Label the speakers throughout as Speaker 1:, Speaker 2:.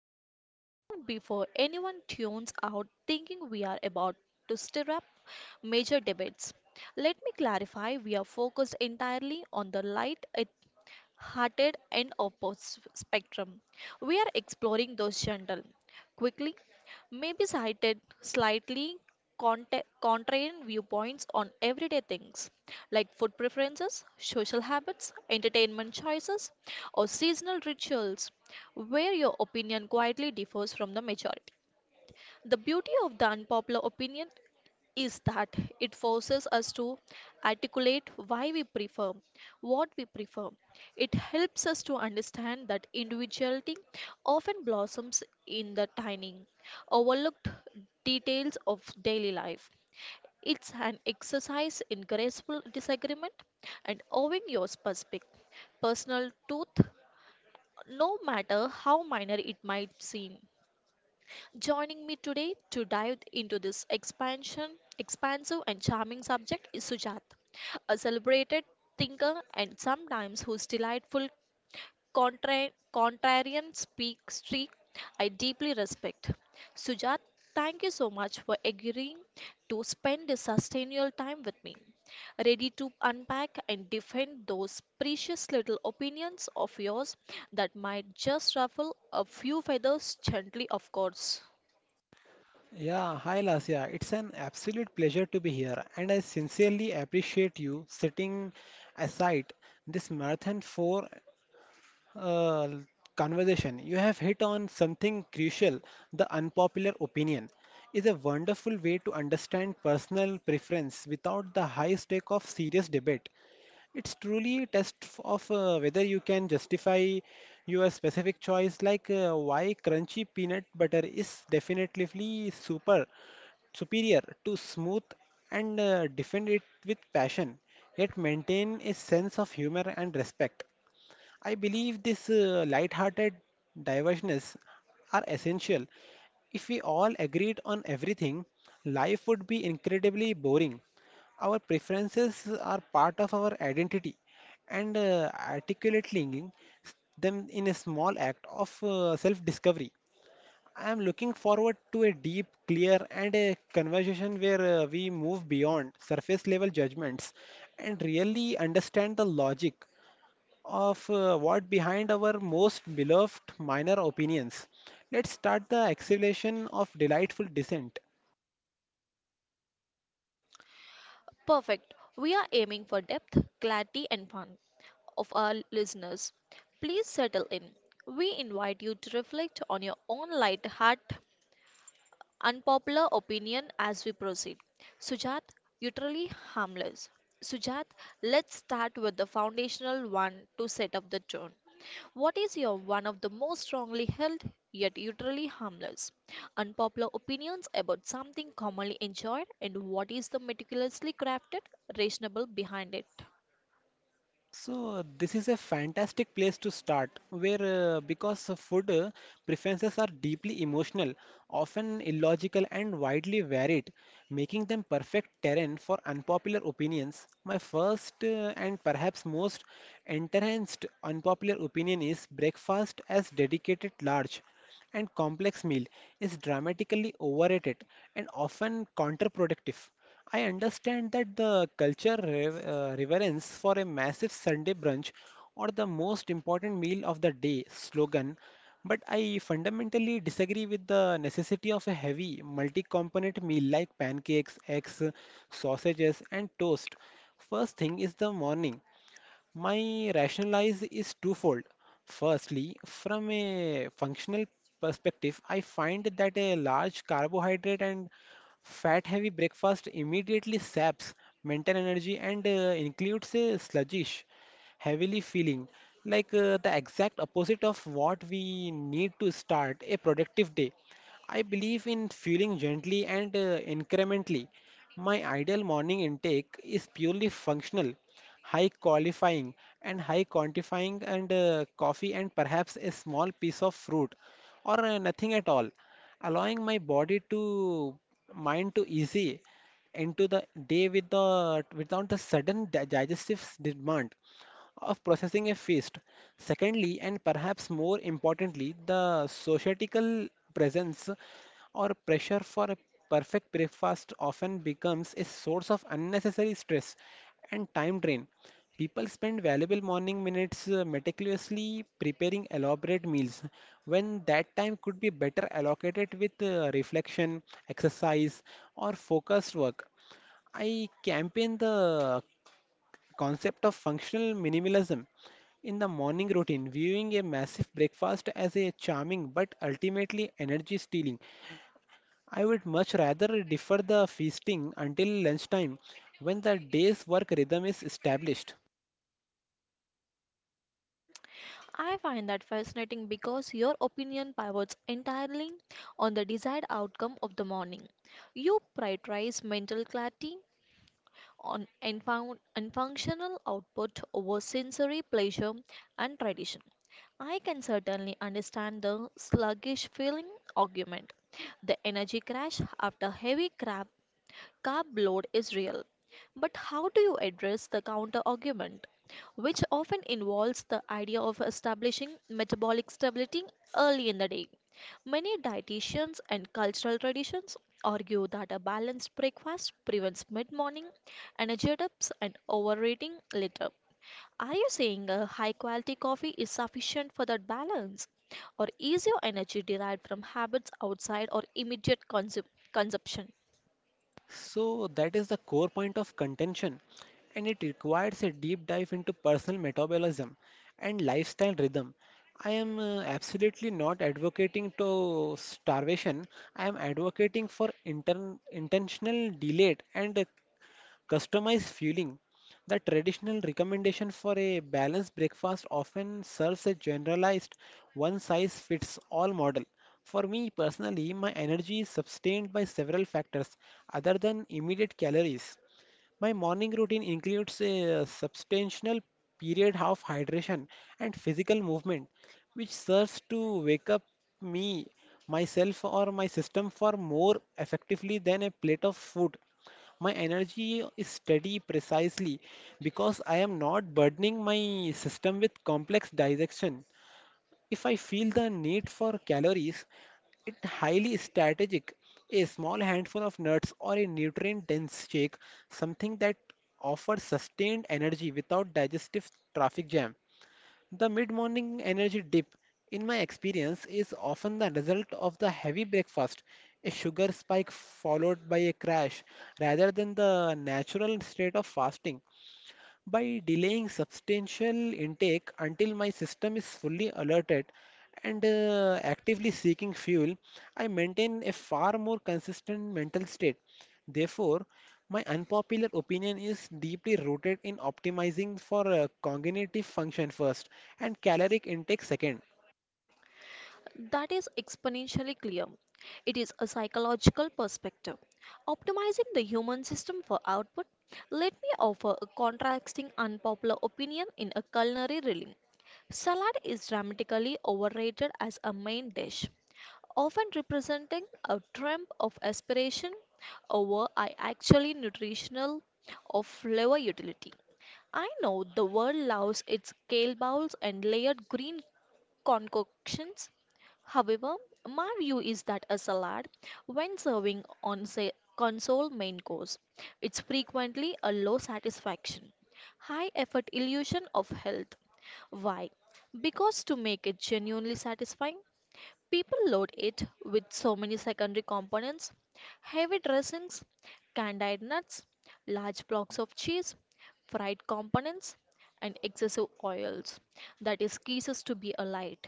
Speaker 1: opinions. Now, before anyone tunes out thinking we are about to stir up major debates, let me clarify we are focused entirely on the light hearted and opposite spectrum. We are exploring those gentle, quickly, maybe cited slightly contrarian viewpoints on everyday things like food preferences, social habits, entertainment choices, or seasonal rituals, where your opinion quietly differs from the majority. The beauty of the unpopular opinion is that it forces us to articulate why we prefer what we prefer. It helps us to understand that individuality often blossoms in the tiny, overlooked details of daily life. It's an exercise in graceful disagreement and owning your specific personal truth, no matter how minor it might seem. Joining me today to dive into this expansive and charming subject is Sujat, a celebrated thinker and sometimes whose delightful contrarian speak streak I deeply respect. Sujat, thank you so much for agreeing to spend this sustainable time with me, ready to unpack and defend those precious little opinions of yours that might just ruffle a few feathers gently, of course.
Speaker 2: Yeah, hi Lasya. It's an absolute pleasure to be here, and I sincerely appreciate you setting aside this marathon for uh, conversation. You have hit on something crucial. The unpopular opinion is a wonderful way to understand personal preference without the high stake of serious debate. It's truly a test of whether you can justify your specific choice, like why crunchy peanut butter is definitely superior to smooth and defend it with passion, yet maintain a sense of humor and respect. I believe this light-hearted diversions are essential. If we all agreed on everything, life would be incredibly boring. Our preferences are part of our identity, and articulating them in a small act of self-discovery. I am looking forward to a deep, clear, and a conversation where we move beyond surface level judgments and really understand the logic of what behind our most beloved minor opinions. Let's start the acceleration of delightful descent.
Speaker 1: Perfect. We are aiming for depth, clarity, and fun of our listeners. Please settle in. We invite you to reflect on your own light heart, unpopular opinion as we proceed. Sujat, utterly harmless. Sujat, let's start with the foundational one to set up the tone. What is your one of the most strongly held yet utterly harmless unpopular opinions about something commonly enjoyed and what is the meticulously crafted reasonable behind it?
Speaker 2: So this is a fantastic place to start, where because of food preferences are deeply emotional, often illogical and widely varied, making them perfect terrain for unpopular opinions. My first and perhaps most entrenched unpopular opinion is breakfast as dedicated large. And complex meal is dramatically overrated and often counterproductive. I understand that the culture reverence for a massive Sunday brunch or the most important meal of the day slogan, but I fundamentally disagree with the necessity of a heavy, multi component meal like pancakes, eggs, sausages, and toast. First thing is the morning. My rationalize is twofold. Firstly, from a functional perspective, I find that a large carbohydrate and fat-heavy breakfast immediately saps mental energy and includes a sluggish, heavily feeling, like the exact opposite of what we need to start a productive day. I believe in fueling gently and incrementally. My ideal morning intake is purely functional, high qualifying and high quantifying and coffee and perhaps a small piece of fruit or nothing at all, allowing my body to mind to easy into the day with the without the sudden digestive demand of processing a feast. Secondly, and perhaps more importantly, the societal presence or pressure for a perfect breakfast often becomes a source of unnecessary stress and time drain. People spend valuable morning minutes meticulously preparing elaborate meals when that time could be better allocated with reflection, exercise, or focused work. I campaign the concept of functional minimalism in the morning routine, viewing a massive breakfast as a charming but ultimately energy stealing. I would much rather defer the feasting until lunchtime when the day's work rhythm is established.
Speaker 1: I find that fascinating because your opinion pivots entirely on the desired outcome of the morning. You prioritize mental clarity on and found and functional output over sensory pleasure and tradition. I can certainly understand the sluggish feeling argument. The energy crash after heavy crab Carb load is real. But how do you address the counter argument, which often involves the idea of establishing metabolic stability early in the day? Many dietitians and cultural traditions argue that a balanced breakfast prevents mid morning energy dips and overeating later. Are you saying a high quality coffee is sufficient for that balance? Or is your energy derived from habits outside or immediate consumption?
Speaker 2: So that is the core point of contention, and it requires a deep dive into personal metabolism and lifestyle rhythm. I am absolutely not advocating to starvation. I am advocating for inter intentional delayed and customized fueling. The traditional recommendation for a balanced breakfast often serves a generalized one size fits all model. For me personally, my energy is sustained by several factors other than immediate calories. My morning routine includes a substantial period of hydration and physical movement, which serves to wake up me, myself, or my system for more effectively than a plate of food. My energy is steady precisely because I am not burdening my system with complex digestion. If I feel the need for calories, it's highly strategic. A small handful of nuts or a nutrient-dense shake, something that offers sustained energy without digestive traffic jam. The mid-morning energy dip, in my experience, is often the result of the heavy breakfast, a sugar spike followed by a crash, rather than the natural state of fasting by delaying substantial intake until my system is fully alerted and actively seeking fuel, I maintain a far more consistent mental state. Therefore, my unpopular opinion is deeply rooted in optimizing for cognitive function first and caloric intake second.
Speaker 1: That is exponentially clear. It is a psychological perspective. Optimizing the human system for output, let me offer a contrasting unpopular opinion in a culinary realm. Salad is dramatically overrated as a main dish, often representing a trump of aspiration over I actually nutritional or flavor utility. I know the world loves its kale bowls and layered green concoctions. However, my view is that a salad, when serving on say console main course, it's frequently a low satisfaction, high effort illusion of health. Why? Because to make it genuinely satisfying, people load it with so many secondary components heavy dressings, candied nuts, large blocks of cheese, fried components, and excessive oils that it ceases to be a light,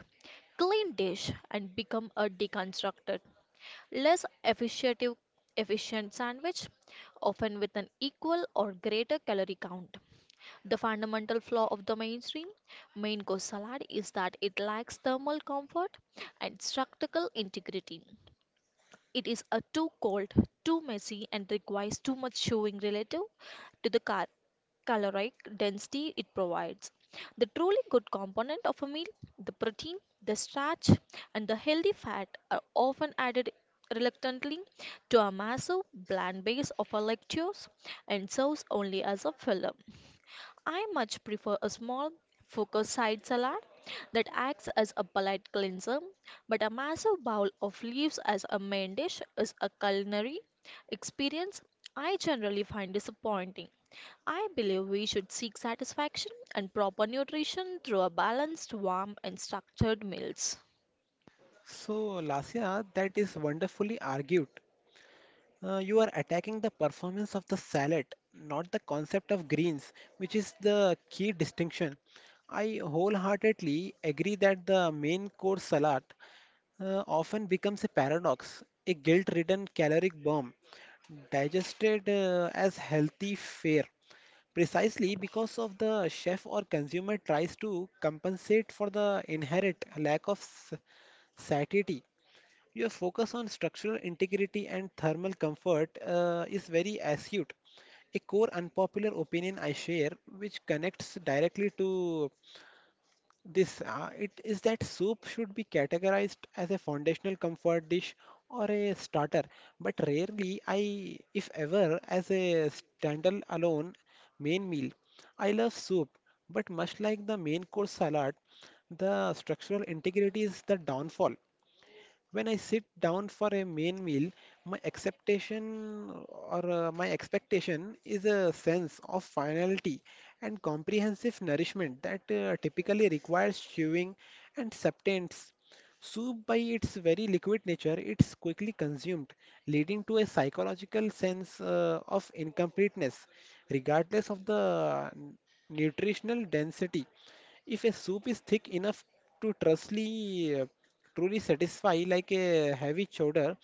Speaker 1: clean dish and become a deconstructed, less efficient, efficient sandwich, often with an equal or greater calorie count. The fundamental flaw of the mainstream main course salad is that it lacks thermal comfort and structural integrity. It is a too cold, too messy, and requires too much showing relative to the car caloric density it provides. The truly good component of a meal, the protein, the starch, and the healthy fat are often added reluctantly to a massive bland base of a lactose and serves only as a filler. I much prefer a small, focused side salad that acts as a palate cleanser but a massive bowl of leaves as a main dish is a culinary experience I generally find disappointing. I believe we should seek satisfaction and proper nutrition through a balanced, warm, and structured meals.
Speaker 2: So, Lasya, that is wonderfully argued. You are attacking the performance of the salad, not the concept of greens, which is the key distinction. I wholeheartedly agree that the main course salad often becomes a paradox, a guilt-ridden caloric bomb, digested as healthy fare, precisely because of the chef or consumer tries to compensate for the inherent lack of satiety. Your focus on structural integrity and thermal comfort is very astute. A core unpopular opinion I share, which connects directly to this, it is that soup should be categorized as a foundational comfort dish or a starter, but rarely, I, if ever, as a standalone main meal. I love soup, but much like the main course salad, the structural integrity is the downfall when I sit down for a main meal, my acceptation or my expectation is a sense of finality and comprehensive nourishment that typically requires chewing and substance. Soup, by its very liquid nature, it's quickly consumed, leading to a psychological sense of incompleteness, regardless of the nutritional density. If a soup is thick enough to trustly, truly satisfy, like a heavy chowder,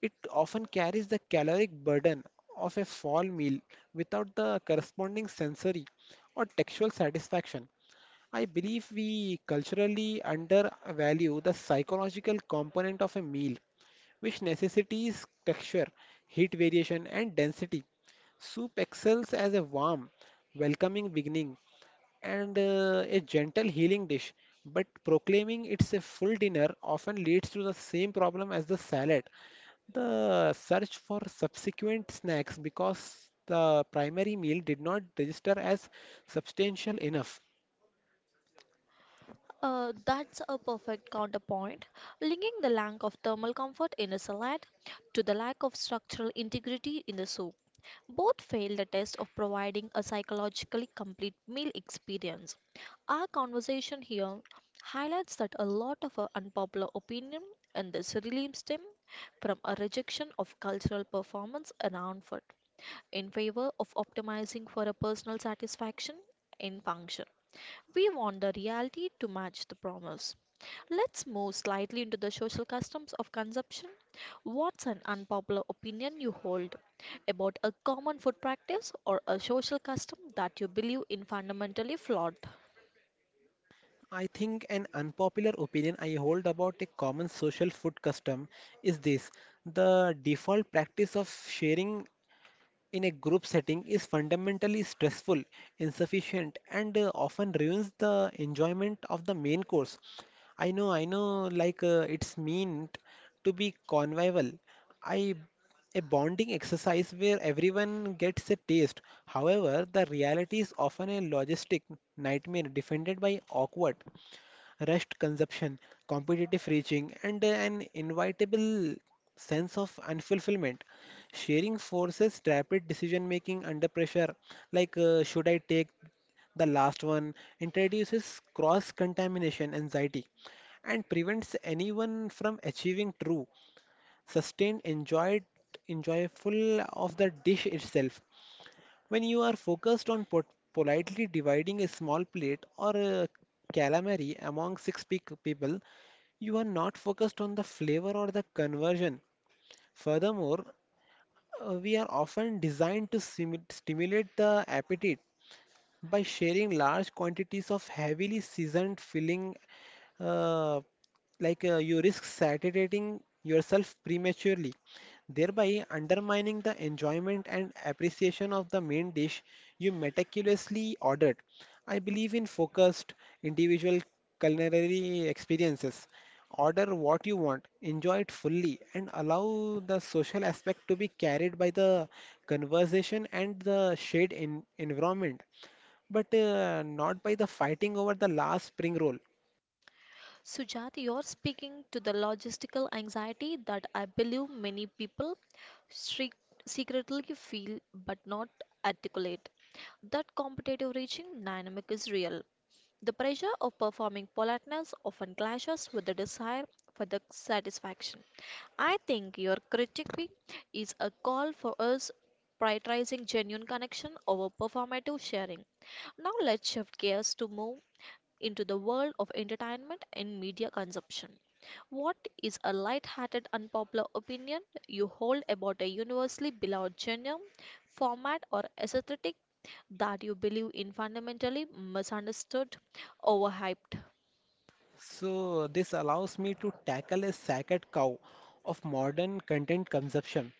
Speaker 2: it often carries the caloric burden of a full meal without the corresponding sensory or textual satisfaction. I believe we culturally undervalue the psychological component of a meal, which necessitates texture, heat variation, and density. Soup excels as a warm, welcoming beginning and a gentle healing dish. But proclaiming it's a full dinner often leads to the same problem as the salad. The search for subsequent snacks because the primary meal did not register as substantial enough.
Speaker 1: That's a perfect counterpoint, linking the lack of thermal comfort in a salad to the lack of structural integrity in the soup. Both fail the test of providing a psychologically complete meal experience. Our conversation here highlights that a lot of our unpopular opinion in this really stem from a rejection of cultural performance around food in favor of optimizing for a personal satisfaction in function. We want the reality to match the promise. Let's move slightly into the social customs of consumption. What's an unpopular opinion you hold about a common food practice or a social custom that you believe in fundamentally flawed?
Speaker 2: I think an unpopular opinion I hold about a common social food custom is this the default practice of sharing in a group setting is fundamentally stressful, insufficient, and often ruins the enjoyment of the main course. I know, like it's meant to be convivial. I a bonding exercise where everyone gets a taste. However, the reality is often a logistic nightmare defended by awkward, rushed consumption, competitive reaching, and an inevitable sense of unfulfillment. Sharing forces rapid decision making under pressure, like should I take the last one, introduces cross contamination anxiety and prevents anyone from achieving true, sustained, enjoyed, enjoyful of the dish itself. When you are focused on politely dividing a small plate or a calamari among six people, you are not focused on the flavor or the conversion. Furthermore, we are often designed to stimulate the appetite by sharing large quantities of heavily seasoned filling uh, like you risk saturating yourself prematurely, thereby undermining the enjoyment and appreciation of the main dish you meticulously ordered. I believe in focused individual culinary experiences. Order what you want, enjoy it fully, and allow the social aspect to be carried by the conversation and the shared environment but not by the fighting over the last spring roll.
Speaker 1: Sujat, you're speaking to the logistical anxiety that I believe many people stre- secretly feel but not articulate. That competitive reaching dynamic is real. The pressure of performing politeness often clashes with the desire for the satisfaction. I think your critique is a call for us prioritizing genuine connection over performative sharing. Now let's shift gears to move into the world of entertainment and media consumption. What is a light-hearted unpopular opinion you hold about a universally beloved genre, format, or aesthetic that you believe in fundamentally misunderstood, overhyped?
Speaker 2: So this allows me to tackle a sacred cow of modern content consumption.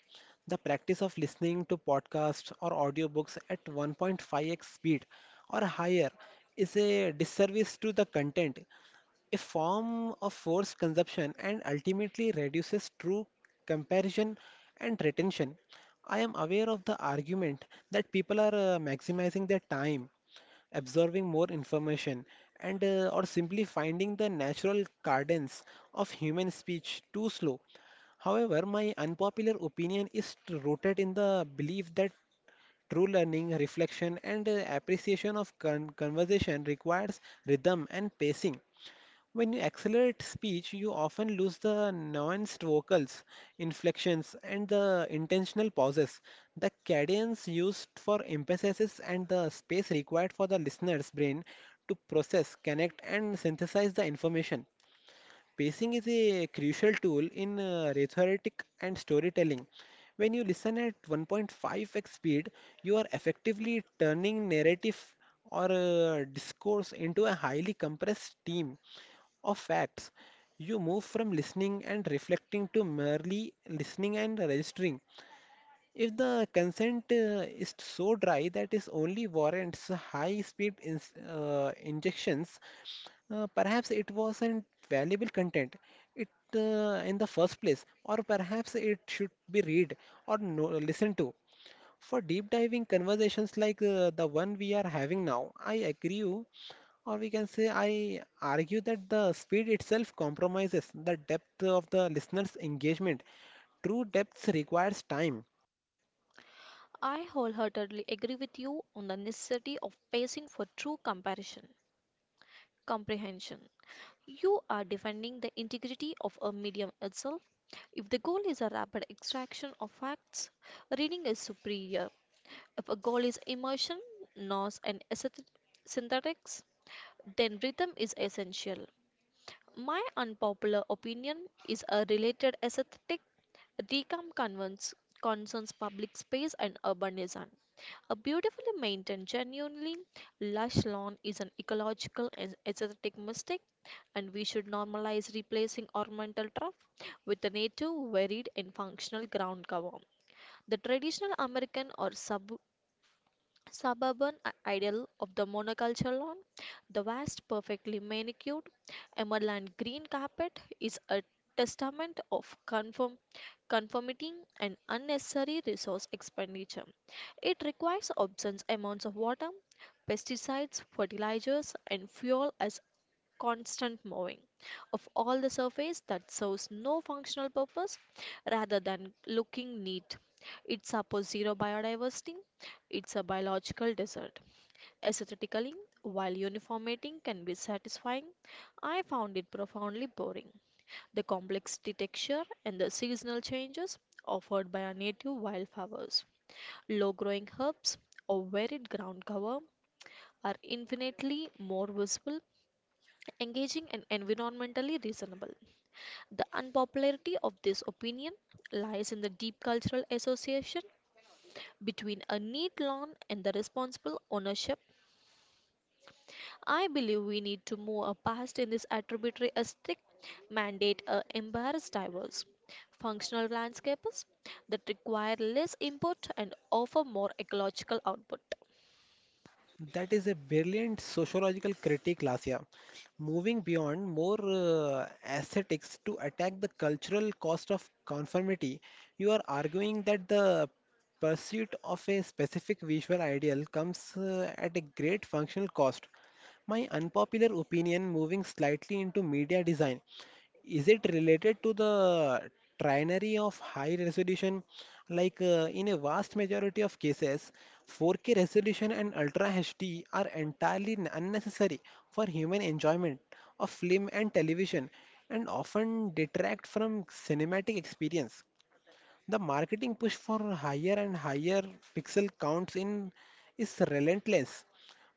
Speaker 2: The practice of listening to podcasts or audiobooks at 1.5x speed or higher is a disservice to the content, a form of forced consumption, and ultimately reduces true comparison and retention. I am aware of the argument that people are maximizing their time absorbing more information, and or simply finding the natural cadence of human speech too slow. However, my unpopular opinion is rooted in the belief that true learning, reflection, and appreciation of conversation requires rhythm and pacing. When you accelerate speech, you often lose the nuanced vocals, inflections, and the intentional pauses. The cadence used for emphasis and the space required for the listener's brain to process, connect, and synthesize the information. Pacing is a crucial tool in rhetoric and storytelling. When you listen at 1.5x speed, you are effectively turning narrative or discourse into a highly compressed stream of facts. You move from listening and reflecting to merely listening and registering. If the consent is so dry that it only warrants high-speed ins injections, perhaps it wasn't valuable content it in the first place, or perhaps it should be read or no, listened to. For deep diving conversations like the one we are having now, I agree, or we can say I argue that the speed itself compromises the depth of the listener's engagement. True depth requires time.
Speaker 1: I wholeheartedly agree with you on the necessity of pacing for true comprehension. You are defending the integrity of a medium itself. If the goal is a rapid extraction of facts, reading is superior. If a goal is emotion, noise, and synthetics, then rhythm is essential. My unpopular opinion is a related aesthetic. Recam convents concerns public space and urban design. A beautifully maintained, genuinely lush lawn is an ecological and aesthetic mistake, and we should normalize replacing ornamental turf with a native, varied, and functional ground cover. The traditional American or suburban ideal of the monoculture lawn, the vast, perfectly manicured emerald green carpet is a testament of conformity and unnecessary resource expenditure. It requires obscene amounts of water, pesticides, fertilizers, and fuel as constant mowing of all the surface that serves no functional purpose rather than looking neat. It supports zero biodiversity it's a biological desert. Aesthetically, while uniformating can be satisfying, I found it profoundly boring. The complex texture and the seasonal changes offered by our native wildflowers, low growing herbs, or varied ground cover are infinitely more visible, engaging, and environmentally reasonable. The unpopularity of this opinion lies in the deep cultural association between a neat lawn and the responsible ownership I believe we need to move past in this attributary aesthetic mandate embrace diverse functional landscapes that require less input and offer more ecological output.
Speaker 2: That is a brilliant sociological critique, Lasya. Moving beyond more aesthetics to attack the cultural cost of conformity, you are arguing that the pursuit of a specific visual ideal comes at a great functional cost. My unpopular opinion moving slightly into media design is it related to the trinary of high resolution? Like in a vast majority of cases, 4K resolution and Ultra HD are entirely unnecessary for human enjoyment of film and television and often detract from cinematic experience. The marketing push for higher and higher pixel counts in is relentless,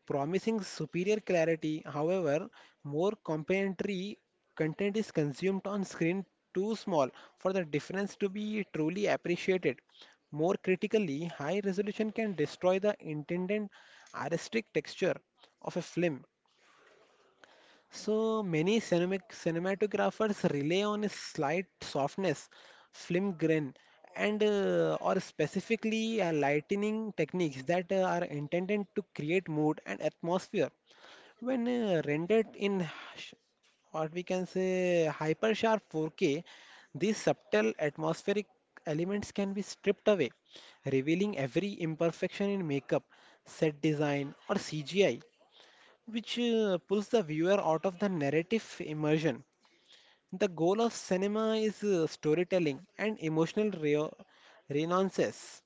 Speaker 2: promising superior clarity. However, more complementary content is consumed on screen too small for the difference to be truly appreciated. More critically, high resolution can destroy the intended artistic texture of a film, so many cinematographers rely on a slight softness, film grain, and or specifically lightning techniques that are intended to create mood and atmosphere. When rendered in h- what we can say hyper sharp 4K, these subtle atmospheric elements can be stripped away, revealing every imperfection in makeup, set design, or CGI, which pulls the viewer out of the narrative immersion. The goal of cinema is storytelling and renaissance,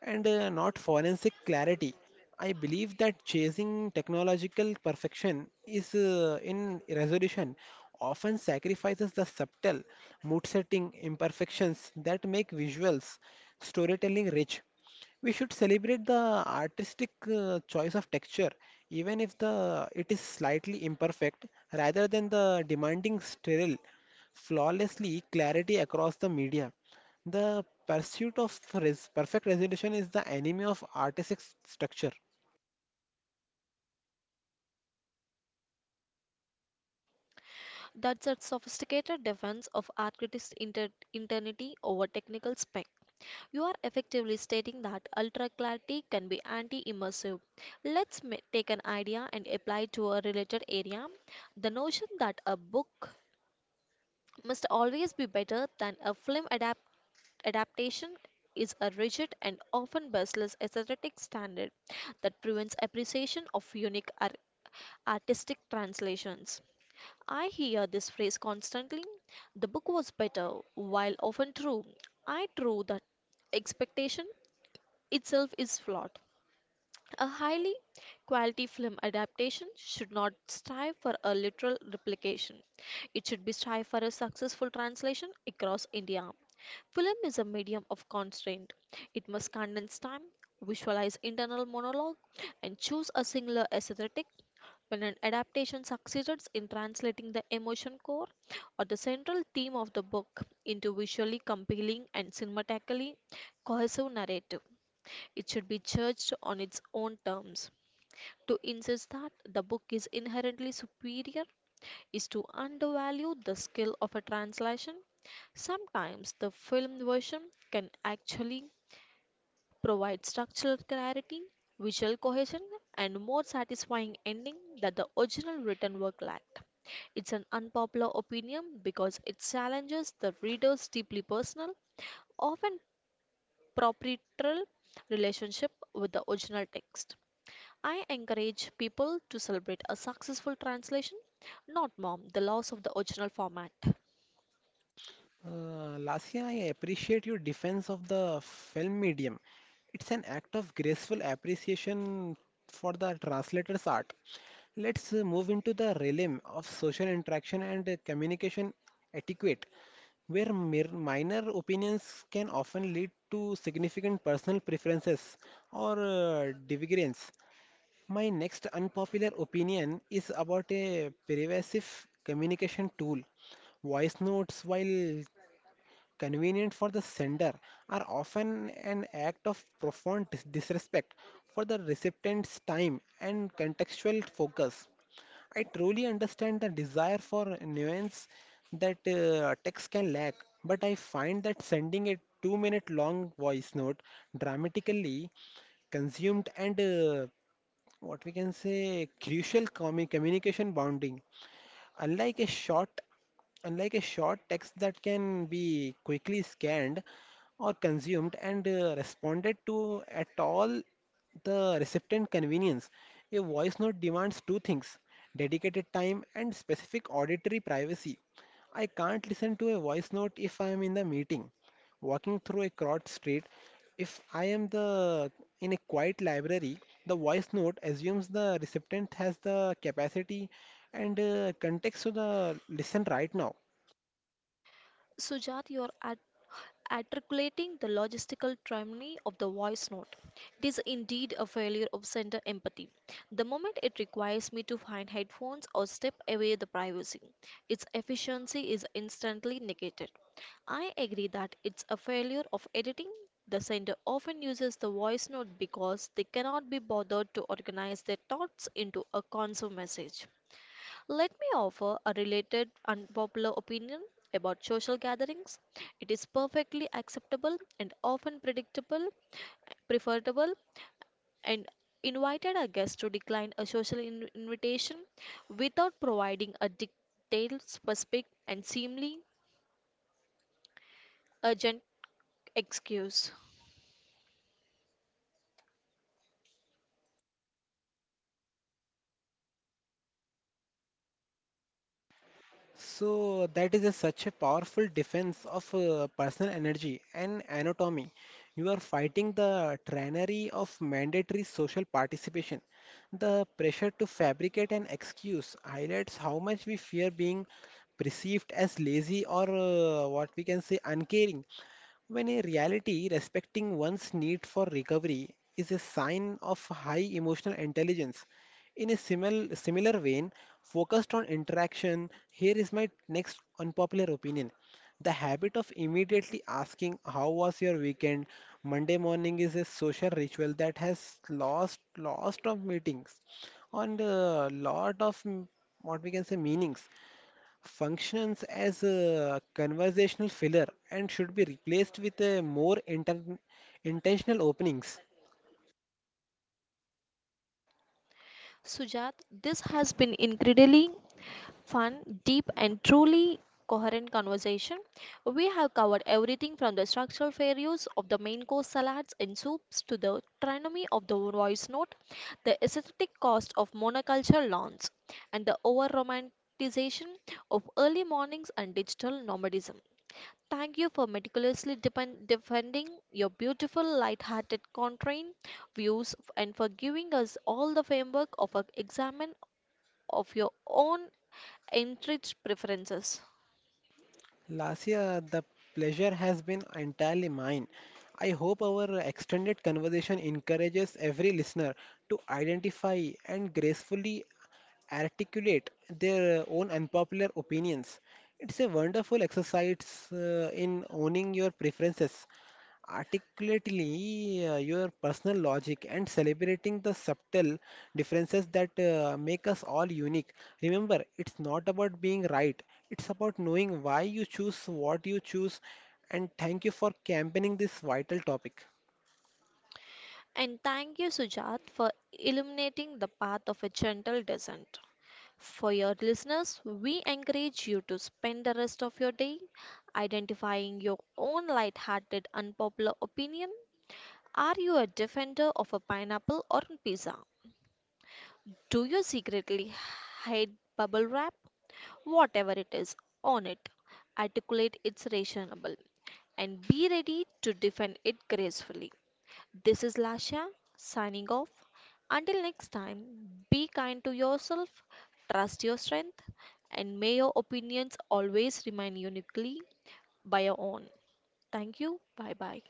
Speaker 2: and not forensic clarity. I believe that chasing technological perfection is in resolution often sacrifices the subtle mood setting imperfections that make visuals storytelling rich. We should celebrate the artistic choice of texture, even if the it is slightly imperfect, rather than the demanding sterile, flawlessly clarity across the media. The pursuit of res perfect resolution is the enemy of artistic structure.
Speaker 1: That's a sophisticated defense of architect's internity over technical spec. You are effectively stating that ultra clarity can be anti immersive. Let's take an idea and apply to a related area. The notion that a book must always be better than a film adaptation is a rigid and often baseless aesthetic standard that prevents appreciation of unique artistic translations. I hear this phrase constantly. The book was better, while often true. I true that expectation itself is flawed. A highly quality film adaptation should not strive for a literal replication. It should be strive for a successful translation across India. Film is a medium of constraint. It must condense time, visualize internal monologue, and choose a singular aesthetic. When an adaptation succeeds in translating the emotion core or the central theme of the book into visually compelling and cinematically cohesive narrative, it should be judged on its own terms. To insist that the book is inherently superior is to undervalue the skill of a translation. Sometimes the film version can actually provide structural clarity, visual cohesion, and more satisfying ending that the original written work lacked. It's an unpopular opinion because it challenges the reader's deeply personal, often proprietary relationship with the original text. I encourage people to celebrate a successful translation, not Mom, the loss of the original format.
Speaker 2: Lasya, I appreciate your defense of the film medium. It's an act of graceful appreciation for the translator's art. Let's move into the realm of social interaction and communication etiquette, where mere minor opinions can often lead to significant personal preferences or divergence. My next unpopular opinion is about a pervasive communication tool. Voice notes, while convenient for the sender, are often an act of disrespect for the recipient's time and contextual focus. I truly understand the desire for nuance that text can lack, but I find that sending a 2 minute long voice note dramatically consumed and what we can say communication bounding. Unlike a short Unlike a short text that can be quickly scanned or consumed and responded to at all the recipient convenience, a voice note demands two things: dedicated time and specific auditory privacy. I can't listen to a voice note if I am in the meeting, walking through a crowded street. If I am the in a quiet library, the voice note assumes the recipient has the capacity and context to the listen right now.
Speaker 1: Sujat, you are at articulating the logistical termini of the voice note. It is indeed a failure of center empathy. The moment it requires me to find headphones or step away the privacy, its efficiency is instantly negated. I agree that it's a failure of editing. The sender often uses the voice note because they cannot be bothered to organize their thoughts into a concise message. Let me offer a related unpopular opinion about social gatherings. It is perfectly acceptable and often predictable, preferable, and invited a guest to decline a social invitation without providing a detailed, specific, and seemingly urgent excuse.
Speaker 2: So that is a, such a powerful defense of personal energy and anatomy. You are fighting the tyranny of mandatory social participation. The pressure to fabricate an excuse highlights how much we fear being perceived as lazy or what we can say uncaring. When a reality respecting one's need for recovery is a sign of high emotional intelligence. In a similar vein, focused on interaction, here is my next unpopular opinion. The habit of immediately asking how was your weekend Monday morning is a social ritual that has lost of meetings on a lot of what we can say meanings functions as a conversational filler and should be replaced with a more intentional openings.
Speaker 1: Sujat, this has been incredibly fun, deep, and truly coherent conversation. We have covered everything from the structural fair use of the main course salads and soups to the trinomial of the voice note, the aesthetic cost of monoculture lawns, and the over romanticization of early mornings and digital nomadism. Thank you for meticulously defending your beautiful, light-hearted contrarian and for giving us all the framework of an examen of your own entrenched preferences.
Speaker 2: Lasia, the pleasure has been entirely mine. I hope our extended conversation encourages every listener to identify and gracefully articulate their own unpopular opinions. It's a wonderful exercise in owning your preferences articulately your personal logic and celebrating the subtle differences that make us all unique. Remember, it's not about being right, it's about knowing why you choose what you choose. And thank you for campaigning this vital topic.
Speaker 1: And thank you, Sujat, for illuminating the path of a gentle descent. For your listeners, we encourage you to spend the rest of your day identifying your own light hearted, unpopular opinion. Are you a defender of a pineapple or pizza? Do you secretly hate bubble wrap? Whatever it is, own it, articulate it's reasonable, and be ready to defend it gracefully. This is Lasha signing off. Until next time, be kind to yourself, trust your strength, and may your opinions always remain uniquely by your own. Thank you. Bye bye.